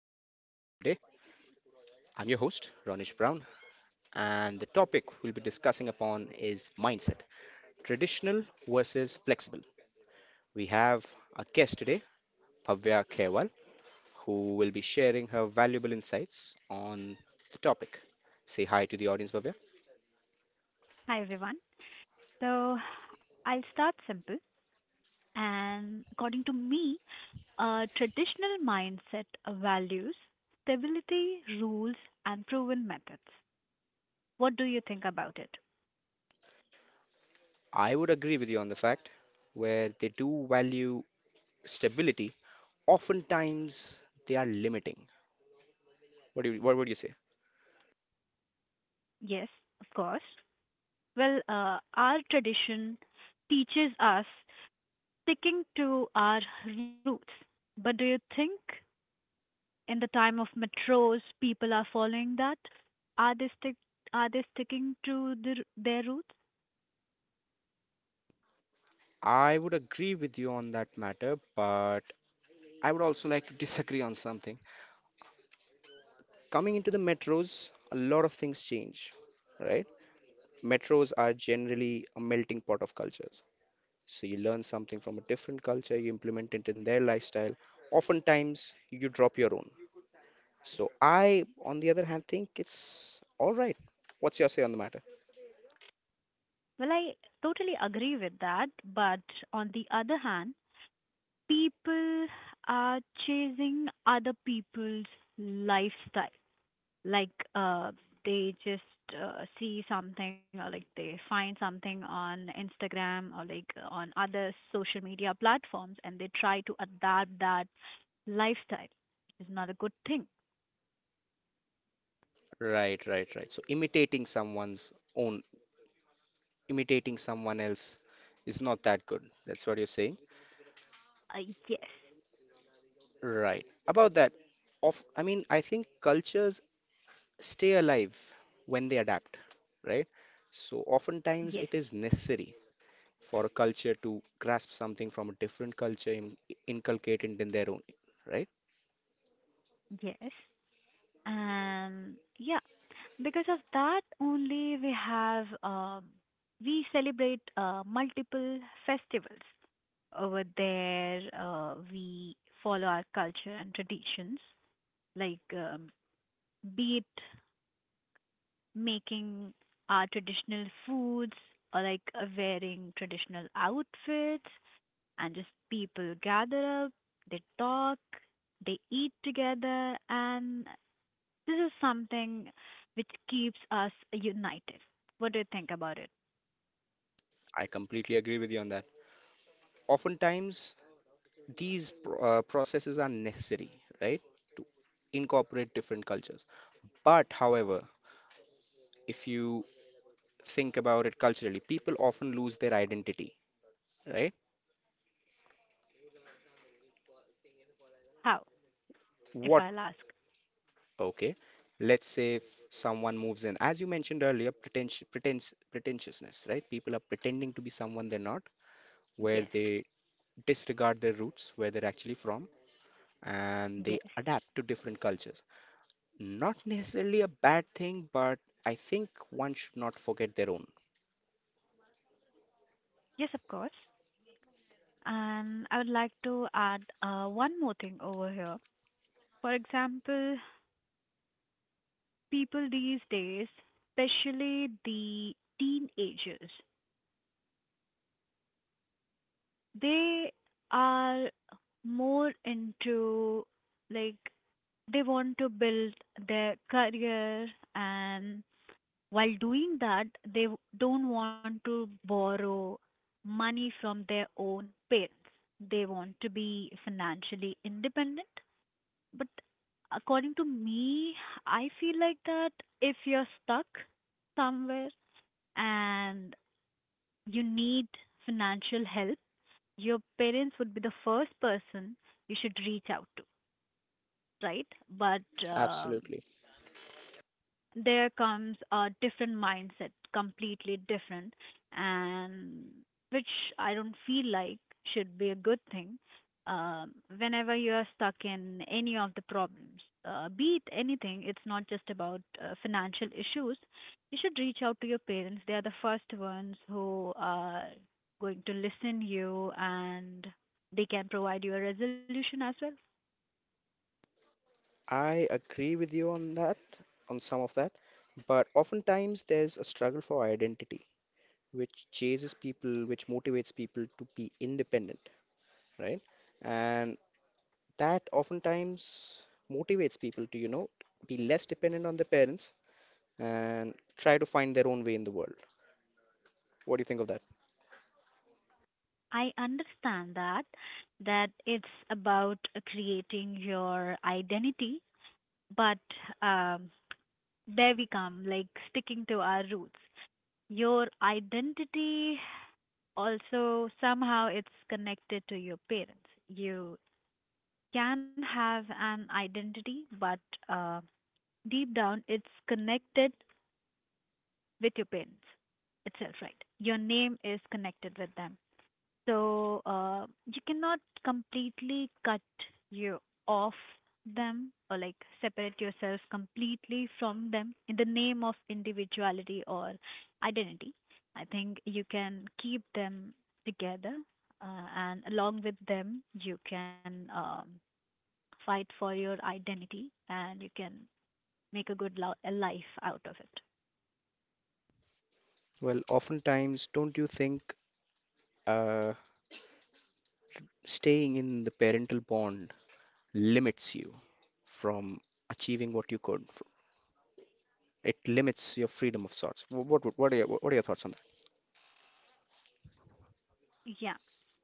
today. I'm your host, Ronish Brown, and the topic we'll be discussing upon is mindset traditional versus flexible. We have a guest today, Bhavya Khewal, who will be sharing her valuable insights on the topic. Say hi to the audience, Bhavya. Hi, everyone. So I'll start simple. And according to me, traditional mindset values stability, rules, and proven methods. What do you think about it? I would agree with you on the fact where they do value stability, oftentimes they are limiting. What would you say? Yes, of course. Well, our tradition teaches us sticking to our roots. But do you think in the time of metros, people are following that? Are they stick? Are they sticking to their roots? I would agree with you on that matter, but I would also like to disagree on something. Coming into the metros, a lot of things change, right? Metros are generally a melting pot of cultures. So you learn something from a different culture, you implement it in their lifestyle. Oftentimes, you drop your own. So I, on the other hand, think it's all right. What's your say on the matter? Well, I totally agree with that, but on the other hand, people are chasing other people's lifestyle. Like they just see something or like they find something on Instagram or like on other social media platforms and they try to adapt that lifestyle. It's not a good thing. Right, right, right. Imitating someone else is not that good. That's what you're saying. Uh, yes, Right. About that, I think cultures stay alive when they adapt, right? So, oftentimes yes, it is necessary for a culture to grasp something from a different culture and inculcate it in their own, right? yes. And yeah, because of that only we celebrate multiple festivals over there. We follow our culture and traditions, like be it making our traditional foods or like wearing traditional outfits, and just people gather up, they talk, they eat together, and this is something which keeps us united. What do you think about it? I completely agree with you on that. Oftentimes these processes are necessary, right? Incorporate different cultures. But, however, if you think about it culturally, people often lose their identity, right? How? If What? I'll ask. Okay. Let's say if someone moves in, as you mentioned earlier, pretentiousness, right? People are pretending to be someone they're not, where Yes. they disregard their roots, where they're actually from, and they Yes. adapt to different cultures. Not necessarily a bad thing, but I think one should not forget their own. Yes, of course. And I would like to add one more thing over here. For example, people these days, especially the teenagers, they are more into like they want to build their career and while doing that, don't want to borrow money from their own parents. They want to be financially independent. But according to me, I feel like that if you're stuck somewhere and you need financial help, your parents would be the first person you should reach out to, right? But um Absolutely. there comes a different mindset, completely different, and which I don't feel like should be a good thing. Um, whenever you are stuck in any of the problems, be it anything, it's not just about financial issues. You should reach out to your parents. They are the first ones who are going to listen you, and they can provide you a resolution as well. I agree with you on that, on some of that, but oftentimes there's a struggle for identity, which chases people, which motivates people to be independent, right? And that oftentimes motivates people to, you know, be less dependent on their parents and try to find their own way in the world. What do you think of that? I understand that it's about creating your identity, but um, there we come, like sticking to our roots. Your identity also somehow it's connected to your parents. You can have an identity, but uh, deep down it's connected with your parents itself, right? Your name is connected with them. So you cannot completely cut you off them or like separate yourself completely from them in the name of individuality or identity. I think you can keep them together, and along with them, you can fight for your identity and you can make a good lo- a life out of it. Well, oftentimes, don't you think uh, staying in the parental bond limits you from achieving what you could? It limits your freedom of sorts. What are your thoughts on that? Yeah,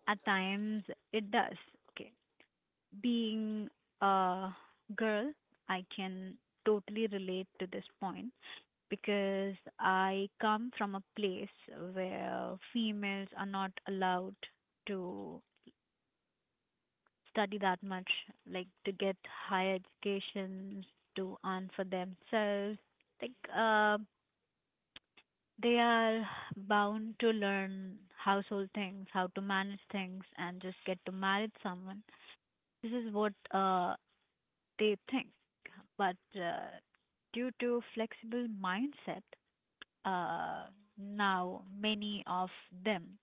at times it does. Okay, being a girl, I can totally relate to this point because I come from a place where females are not allowed to study that much, like to get higher educations, to earn for themselves. Like, they are bound to learn household things, how to manage things, and just get to marry someone. This is what they think, but due to flexible mindset, uh, now many of them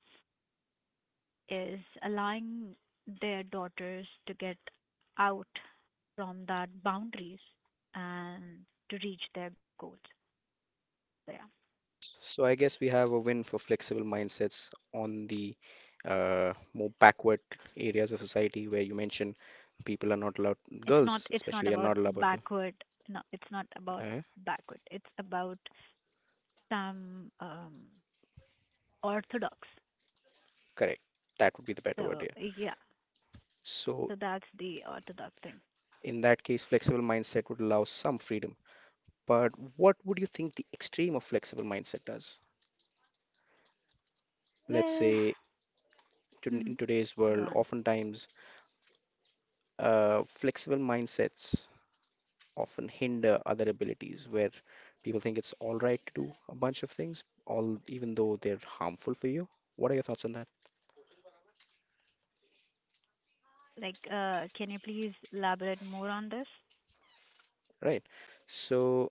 is allowing their daughters to get out from that boundaries and to reach their goals. So yeah, So I guess we have a win for flexible mindsets on the more backward areas of society where you mentioned people are not allowed, girls it's not especially are about not allowed to. backward. No, it's not about Uh, backward. It's about some orthodox. Correct. That would be the better word So here. yeah, So so that's the orthodox thing. in that case, flexible mindset would allow some freedom. But what would you think the extreme of flexible mindset does? Let's Well, say to, in mhm. today's Go world, on. oftentimes flexible mindsets often hinder other abilities where people think it's all right to do a bunch of things, all even though they're harmful for you. What are your thoughts on that? Like, can you please elaborate more on this? Right. So,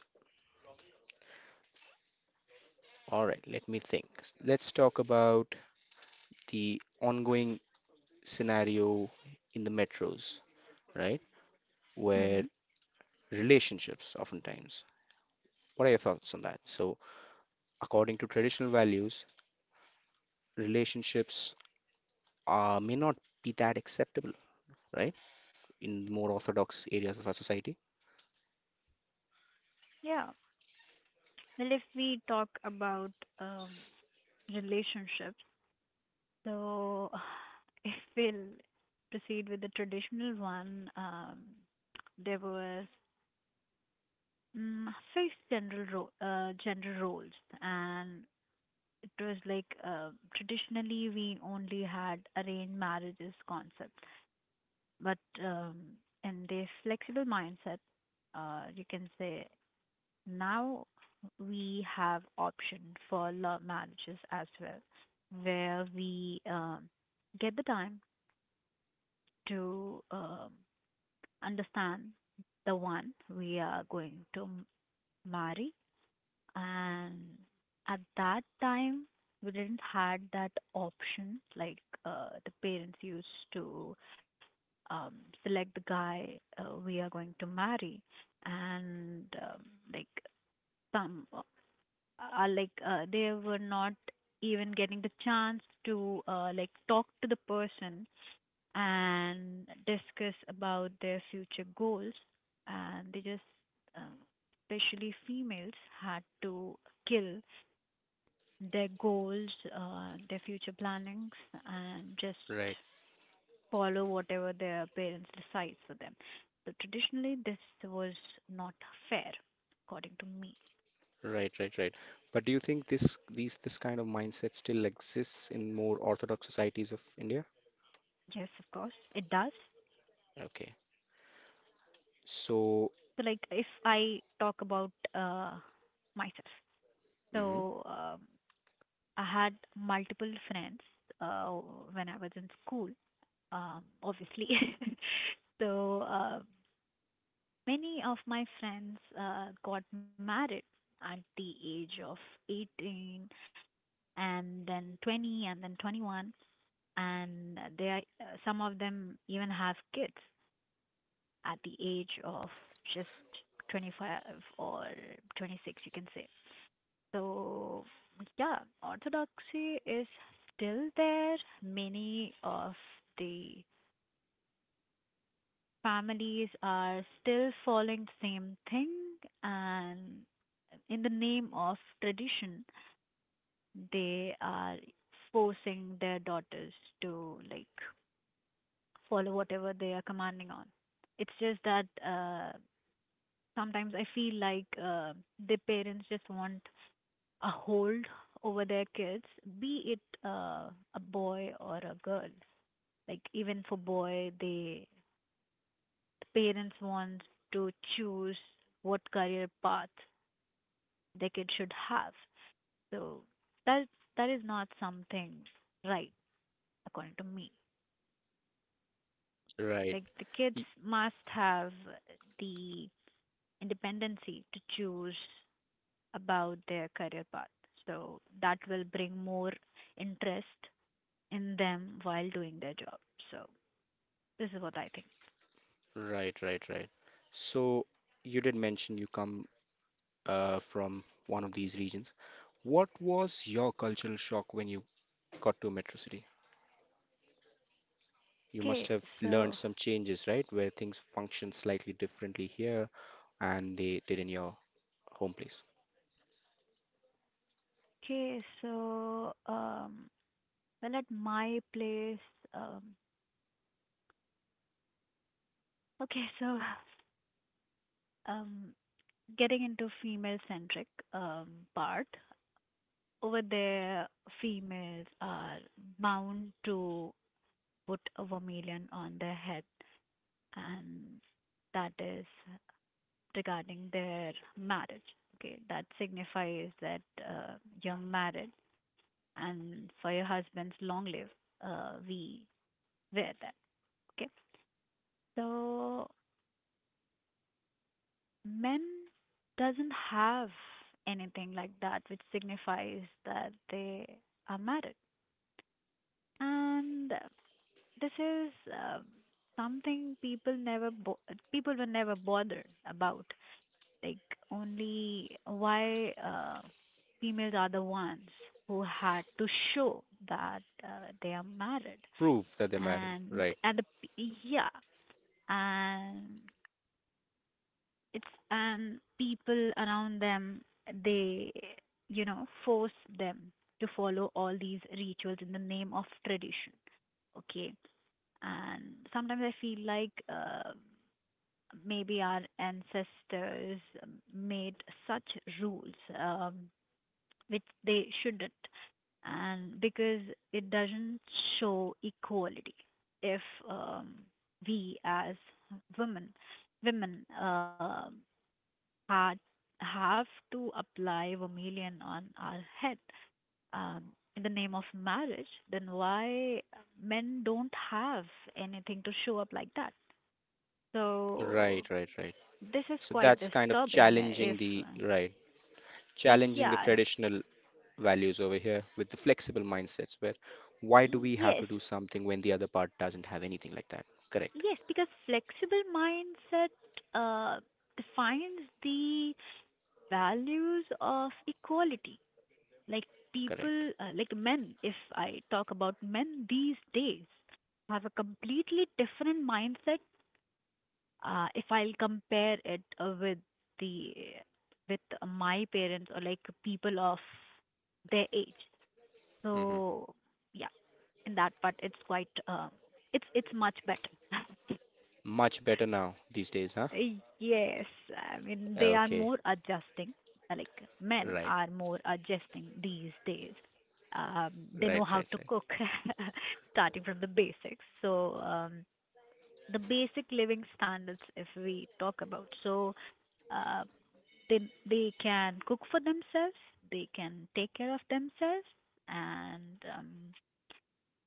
all right, let me think. Let's talk about the ongoing scenario in the metros, right? Where Mm-hmm. relationships oftentimes. What are your thoughts on that? So, according to traditional values, relationships may not be that acceptable, right? In more orthodox areas of our society. Yeah. Well, if we talk about um, relationships, so if we'll proceed with the traditional one, there was mm fixed general gender roles, and it was like traditionally we only had arranged marriages concept. But in the flexible mindset, you can say now we have option for love marriages as well, where we get the time to understand the one we are going marry, and at that time we didn't had that option, like the parents used to um, select the guy we are going to marry and like some are like they were not even getting the chance to like talk to the person and discuss about their future goals and they just um especially females had to kill their goals, their future plannings, and just follow whatever their parents decides for them. So traditionally, this was not fair, according to me. Right, right, right. But do you think this kind of mindset still exists in more orthodox societies of India? Yes, of course, it does. Okay. So, So, like, if I talk about myself, mhm, so I had multiple friends uh, when I was in school, obviously. So, many of my friends got married at the age of 18 and then 20 and then 21, and they are, some of them even have kids at the age of just 25 or 26, you can say. So yeah, orthodoxy is still there. Many of the families are still following the same thing, and in the name of tradition they are forcing their daughters to like follow whatever they are commanding on. It's just that sometimes I feel like the parents just want a hold over their kids, be it a boy or a girl. Like even for boy, the parents want to choose what career path their kid should have. So that that is not something right, according to me. right, Like the kids y- must have the independency to choose about their career path. So that will bring more interest in them while doing their job. So this is what I think. right, right, right. So you did mention you come from one of these regions. What was your cultural shock when you got to Metro City? You must Okay, have learned so some changes, right? Where things function slightly differently here and they did in your home place. okay, so well at my place, um, okay, so um, getting into female centric um part over there, females are bound to put a vermilion on their head, and that is regarding their marriage. Okay, that signifies that you're married, and for your husband's long live, we wear that. Okay, so men doesn't have anything like that, which signifies that they are married, and this is something people were never bothered about, like only why females are the ones who had to show that they are married. Prove that they mattered, and right? and the, yeah, and it's, and people around them, they, you know, force them to follow all these rituals in the name of tradition. Okay, and sometimes I feel like maybe our ancestors made such rules, um, which they shouldn't, and because it doesn't show equality if um, we as women women are, have to apply vermilion on our head, um, in the name of marriage, then why men don't have anything to show up like that? So Right, right, right. this is So quite that's kind of disturbing if challenging the right, challenging the yeah traditional values over here with the flexible mindsets where why do we have yes. to do something when the other part doesn't have anything like that? Correct, Yes, because flexible mindset uh, defines the values of equality. Like correct. people, like men, if I talk about men these days, have a completely different mindset. If I'll compare it the with my parents or like people of their age, Hmm. so yeah, in that part, it's quite it's much better. Much better now these days, huh? Yes, I mean they are Okay, more adjusting. Like men right, are more adjusting these days. Um, they know right, how right, to right. cook, starting from the basics. So the basic living standards, if we talk about, so uh, they they can cook for themselves, they can take care of themselves, and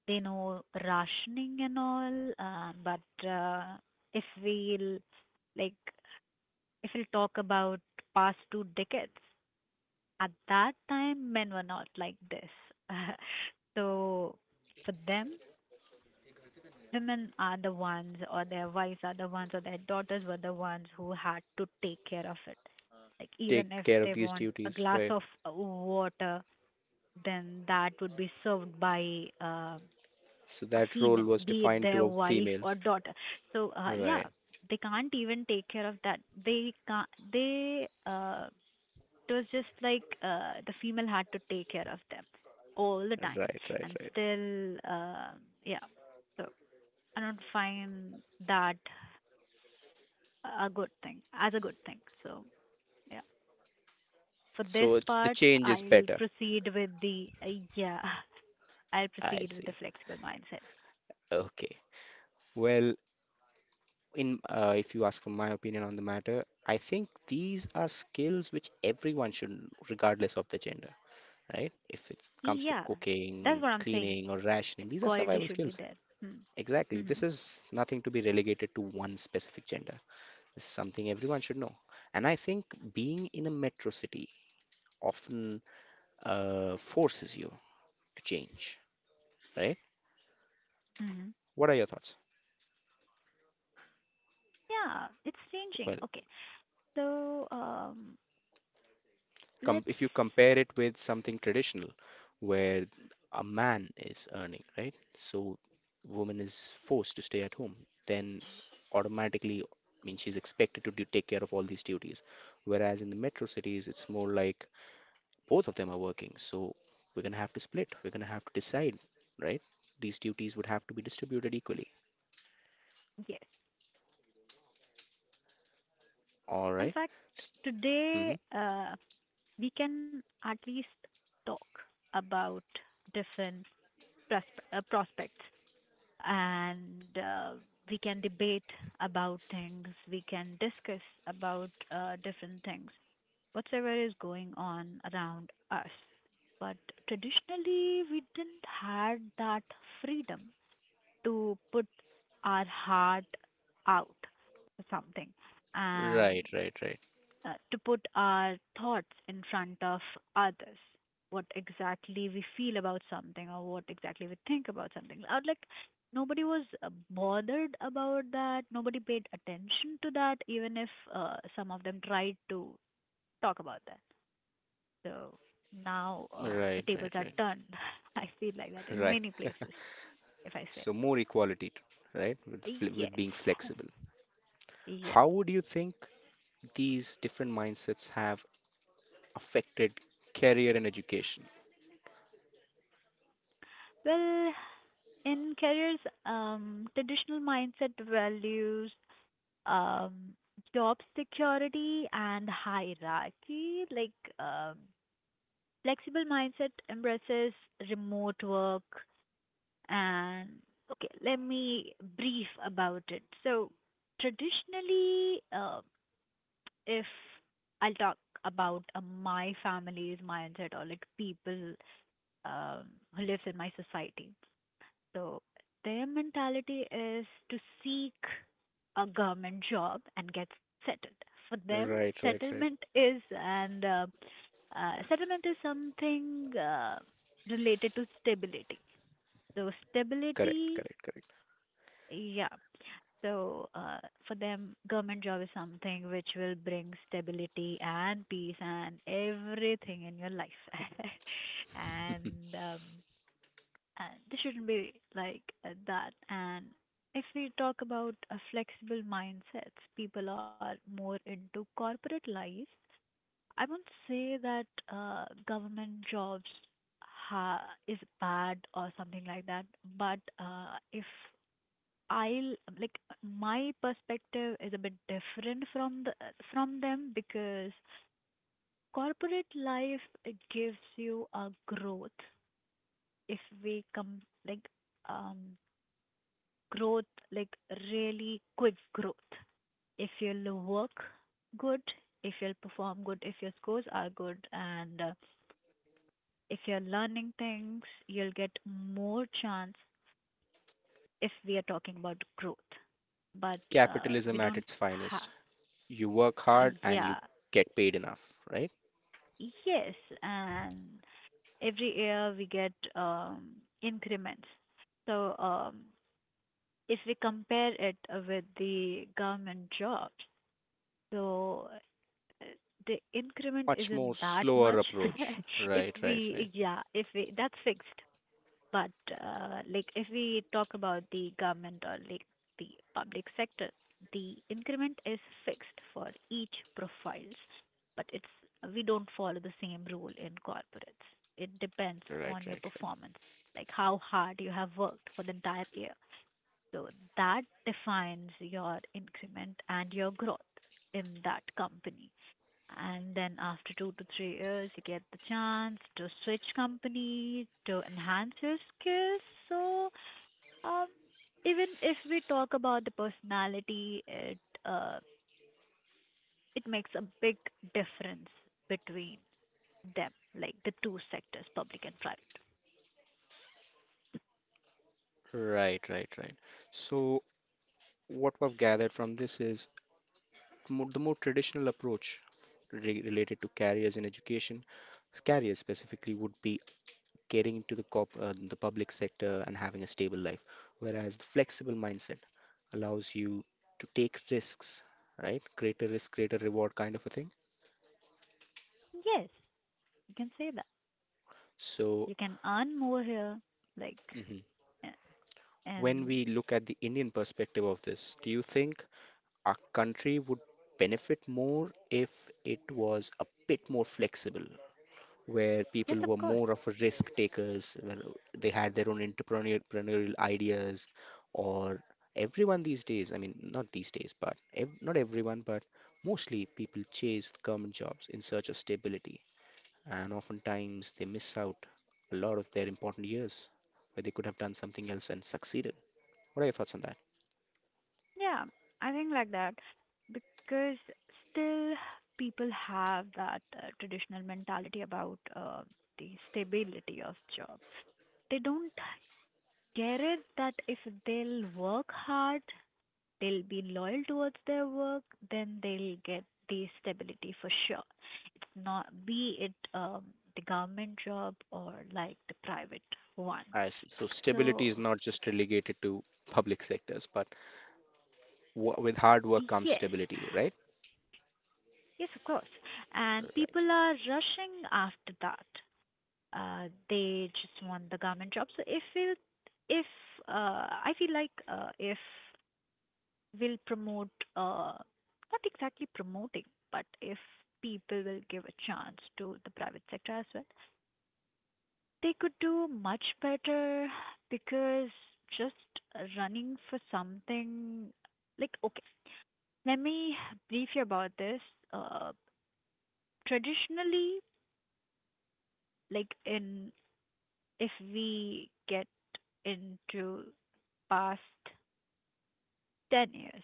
they know rationing and all. But if we like if we'll talk about past two decades, at that time, men were not like this. So for them, women are the ones, or their wives are the ones, or their daughters were the ones who had to take care of it. Like Take even if care of they these want a duties, glass right? of water, then that would be served by So a that female, role was be it defined their to a wife or females. daughter. So yeah, Right, they can't even take care of that. They can't. They it was just like the female had to take care of them all the time, right, right, and right. still yeah, so I don't find that a good thing as a good thing. So yeah, for this So it's- part the change is I'll better. proceed with the yeah. I'll I proceed with the see. flexible mindset. Okay. Well, in if you ask for my opinion on the matter, I think these are skills which everyone should, know, regardless of the gender, right? If it comes to Yeah, that's cooking, what I'm saying. cleaning, or rationing, these are Quality survival should be skills. there. Hmm. Exactly. Mhm. This is nothing to be relegated to one specific gender. This is something everyone should know. And I think being in a metro city often forces you to change, right? Mhm. What are your thoughts? Yeah, it's changing. Well, Okay so let's if you compare it with something traditional where a man is earning, right? So woman is forced to stay at home, then automatically, I mean, she's expected to do, take care of all these duties. Whereas in the metro cities, it's more like both of them are working, so we're gonna have to split. We're gonna have to decide, right? These duties would have to be distributed equally. Yes. All In right. fact, Mm-hmm. today we can at least talk about different prospects, and we can debate about things, we can discuss about different things, whatsoever is going on around us. But traditionally, we didn't had that freedom to put our heart out for something. And Right, right, right, To put our thoughts in front of others, what exactly we feel about something or what exactly we think about something out, like nobody was bothered about that, nobody paid attention to that, even if some of them tried to talk about that. So now the right, tables right, are right, turned. I feel like that in right. many places, if I say. So more equality, right? With Yes. being flexible. Yeah. How would you think these different mindsets have affected career and education? Well, in careers, traditional mindset values, um, job security and hierarchy. Like um, flexible mindset embraces remote work and okay, let me brief about it. So traditionally, if I'll talk about my family's mindset or like people um, who lives in my society. So their mentality is to seek a government job and get settled. For them, Right, right, settlement right. is and settlement is something related to stability. So Correct, stability, correct, correct. yeah. So for them, government job is something which will bring stability and peace and everything in your life. Mhm. And um, and this shouldn't be like that. And if we talk about flexible mindsets, people are more into corporate life. I won't say that government jobs is bad or something like that, but if I'll, like, my perspective is a bit different from the from them, because corporate life gives you a growth, if we come, like, um growth, like really quick growth. If you'll work good, if you'll perform good, if your scores are good, and if you're learning things, you'll get more chance if we are talking about growth. But we Capitalism at don't its have, finest. You work hard yeah, and you get paid enough, right? yes, and every year we get increments. So if we compare it with the government jobs, so the increment Much more isn't that slower much. approach. if Right, right, right. we yeah if we that's fixed. But like if we talk about the government, or like the public sector, the increment is fixed for each profiles, but it's, we don't follow the same rule in corporates. It depends Right, upon right, your right. performance, like how hard you have worked for the entire year. So that defines your increment and your growth in that company. And then after 2 to 3 years you get the chance to switch company to enhance your skills. So um, even if we talk about the personality, it uh, it makes a big difference between them, like the two sectors, public and private. Right, right, right. So what we've gathered from this is the more traditional approach related to careers in education, careers specifically would be getting into the the public sector and having a stable life, whereas the flexible mindset allows you to take risks, right? Greater risk, greater reward kind of a thing. Yes, you can say that. So, You can earn more here, like, mhm, a- when and we look at the Indian perspective of this, do you think our country would benefit more if it was a bit more flexible where people yes, of were course. more of a risk takers when they had their own entrepreneurial ideas, or everyone these days, I mean not these days but not everyone but mostly people chase government jobs in search of stability and oftentimes they miss out a lot of their important years where they could have done something else and succeeded. What are your thoughts on that? Yeah, I think like that, because still people have that traditional mentality about the stability of job. They don't get it that if they'll work hard, they'll be loyal towards their work, then they'll get the stability for sure. Not be it the government job or like the private one. I see. So stability is So not just relegated to public sectors, but w with hard work yes, comes stability, right? yes, of course, and people Right. are rushing after that. They just want the government job. So if we'll, if I feel like if we'll promote, uh, not exactly promoting, but if people will give a chance to the private sector as well, they could do much better, because just running for something, like okay, let me brief you about this. Uh, Traditionally, like in if we get into past 10 years.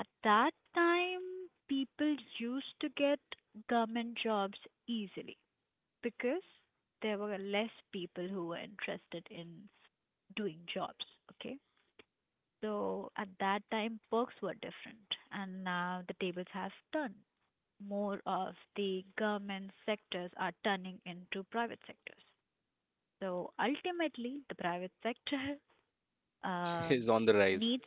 At that time, people used to get government jobs easily because there were less people who were interested in doing jobs. Okay. So at that time, perks were different, and now the tables have turned. More of the government sectors are turning into private sectors. So ultimately, the private sector Is um, on the rise. needs.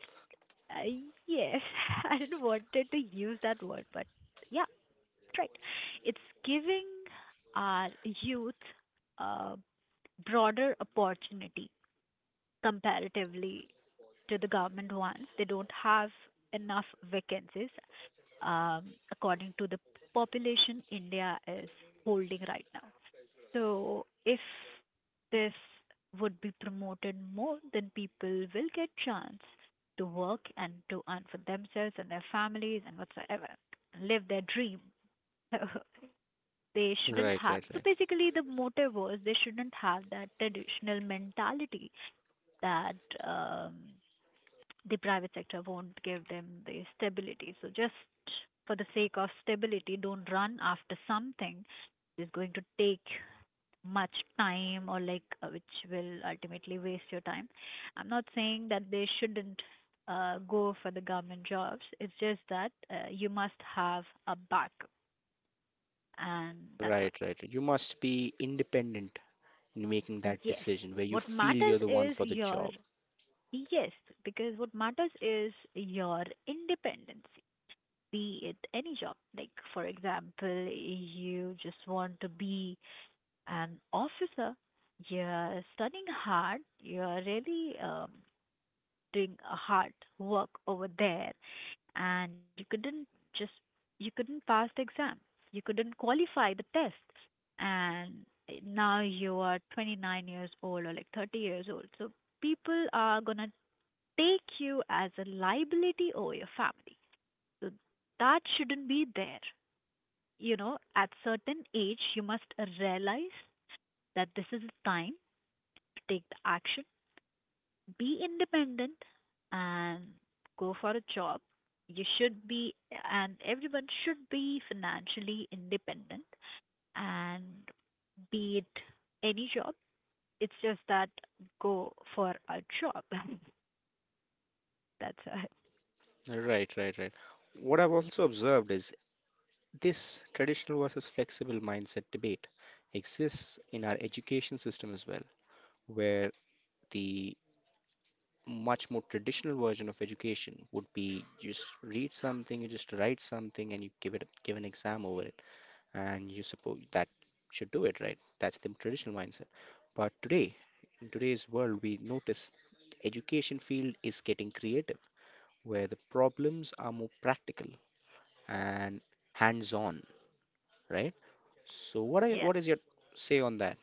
Uh, yes, I didn't wanted to use that word, but yeah, that's right. It's giving our youth a broader opportunity comparatively to the government ones. They don't have enough vacancies um, according to the population India is holding right now. So if this would be promoted more, then people will get chance to work and to earn for themselves and their families and whatsoever, live their dream. So they shouldn't Right, have. right, So right. basically, the motive was they shouldn't have that traditional mentality that the private sector won't give them the stability. So just for the sake of stability, don't run after something that is going to take much time, or like which will ultimately waste your time. I'm not saying that they shouldn't go for the government jobs. It's just that you must have a backup, and that's all. Right, right. You must be independent in making that Yes. decision where you What feel matters you're the one is for the your, job. yes, because what matters is your independence. Be it any job. Like, for example, you just want to be an officer. You're studying hard. You're really doing a hard work over there, and you couldn't just, you couldn't pass the exam. You couldn't qualify the test, and now you are 29 years old or like 30 years old. So people are gonna take you as a liability over your family. So that shouldn't be there. You know, at certain age, you must realize that this is the time to take the action, be independent, and go for a job. You should be, and everyone should be financially independent. And be it any job, it's just that go for a job. That's all. Right, right, right. What I've also observed is this traditional versus flexible mindset debate exists in our education system as well, where the much more traditional version of education would be you just read something, you just write something, and you give an exam over it, and you suppose that should do it, right? That's the traditional mindset. But today, in today's world, we notice the education field is getting creative, where the problems are more practical and hands-on, right? So Yeah. what is your say on that?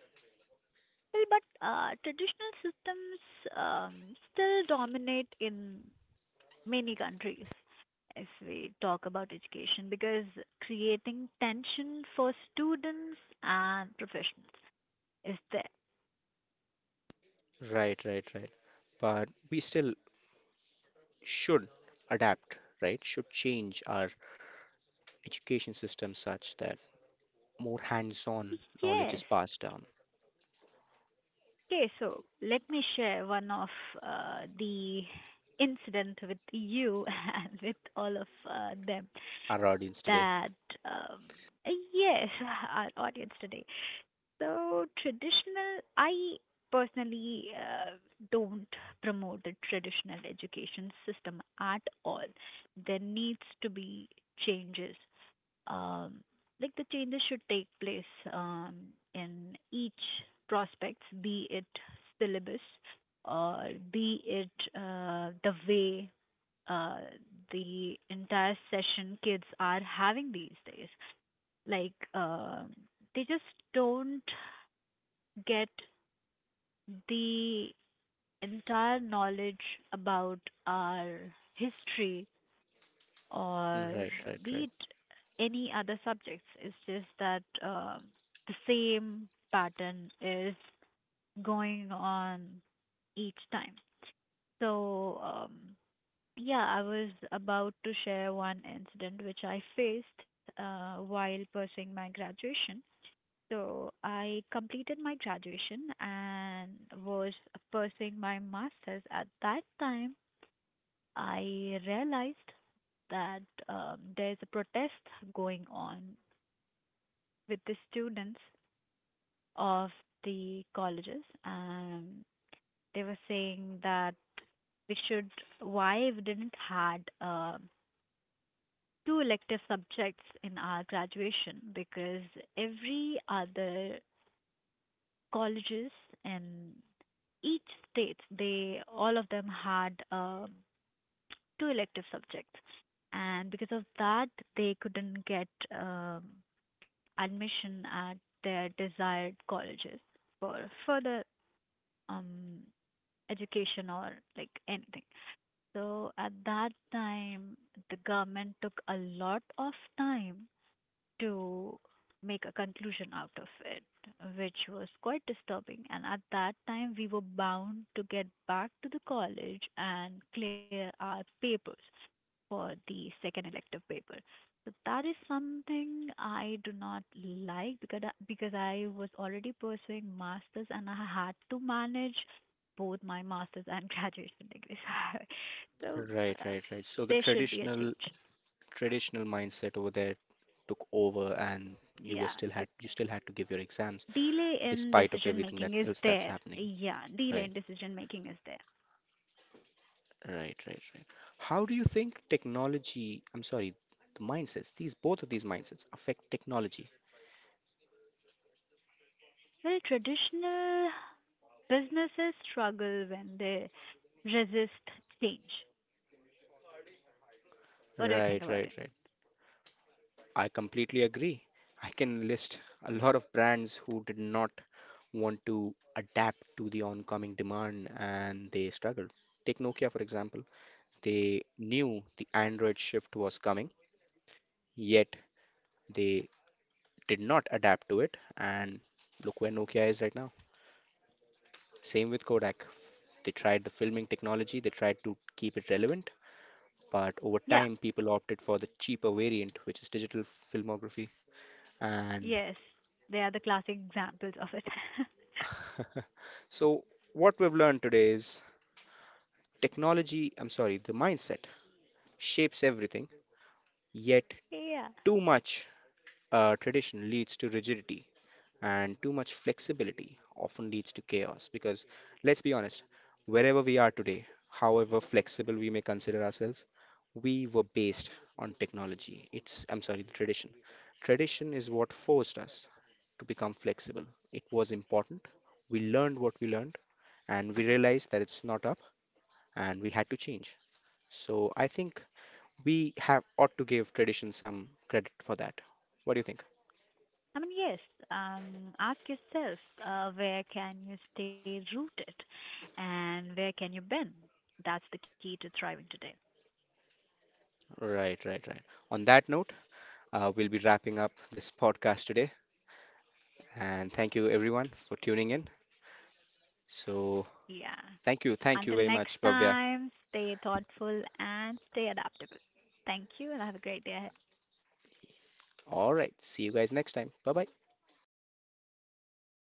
Well, but traditional systems still dominate in many countries if we talk about education, because creating tension for students and professionals is there. Right, right, right. But we still should adapt, right? Should change our education system such that more hands-on knowledge is Yes. passed down. Okay, so let me share one of the incident with you and with all of them Our audience today. that um, yes, our audience today. So traditional, I personally don't promote the traditional education system at all. There needs to be changes. Um, like the changes should take place um, in each prospects, be it syllabus, or be it the way uh, the entire session kids are having these days. Like they just don't get the entire knowledge about our history, Mm. or Right, right, be right. it any other subjects. It's just that the same pattern is going on each time. So, yeah, I was about to share one incident which I faced while pursuing my graduation. So I completed my graduation and was pursuing my master's. At that time, I realized that there's a protest going on with the students of the colleges, and they were saying that we should, why we didn't had two elective subjects in our graduation, because every other colleges in each state, they, all of them had two elective subjects, and because of that they couldn't get um, admission at their desired colleges for further um, education or like anything. So at that time the government took a lot of time to make a conclusion out of it, which was quite disturbing. And at that time, we were bound to get back to the college and clear our papers for the second elective paper. So that is something I do not like, because I was already pursuing masters and I had to manage both my masters and graduation degrees. So Right, uh, right, right. So the there should be a change. traditional mindset over there took over and Yeah, th- you still had to give your exams delay in despite of decision everything that making is else that's there. happening. Yeah, delay Right, in decision making is there. right, right, right. How do you think technology, I'm sorry, the mindsets, these both of these mindsets affect technology? Well, traditional businesses struggle when they resist change. What do you think Right, about right, it? right. I completely agree. I can list a lot of brands who did not want to adapt to the oncoming demand and they struggled. Take Nokia, for example. They knew the Android shift was coming, yet they did not adapt to it. And look where Nokia is right now. Same with Kodak. They tried the filming technology, they tried to keep it relevant, but over Yeah, time, people opted for the cheaper variant, which is digital filmography. And yes, they are the classic examples of it. so, what we've learned today is technology, I'm sorry, the mindset shapes everything, yet Yeah, too much tradition leads to rigidity and too much flexibility often leads to chaos, because let's be honest, wherever we are today, however flexible we may consider ourselves, we were based on technology, it's, I'm sorry, the tradition is what forced us to become flexible. It was important. We learned what we learned and we realized that it's not up and we had to change. So I think we have ought to give tradition some credit for that. What do you think? I mean, yes, ask yourself where can you stay rooted and where can you bend? That's the key to thriving today. Right, right, right. On that note, we'll be wrapping up this podcast today. And thank you, everyone, for tuning in. So, Yeah. thank you. Thank you Until very next much, Bhavya. time, stay thoughtful and stay adaptable. Thank you and have a great day ahead. All right. See you guys next time. Bye bye. Bye bye.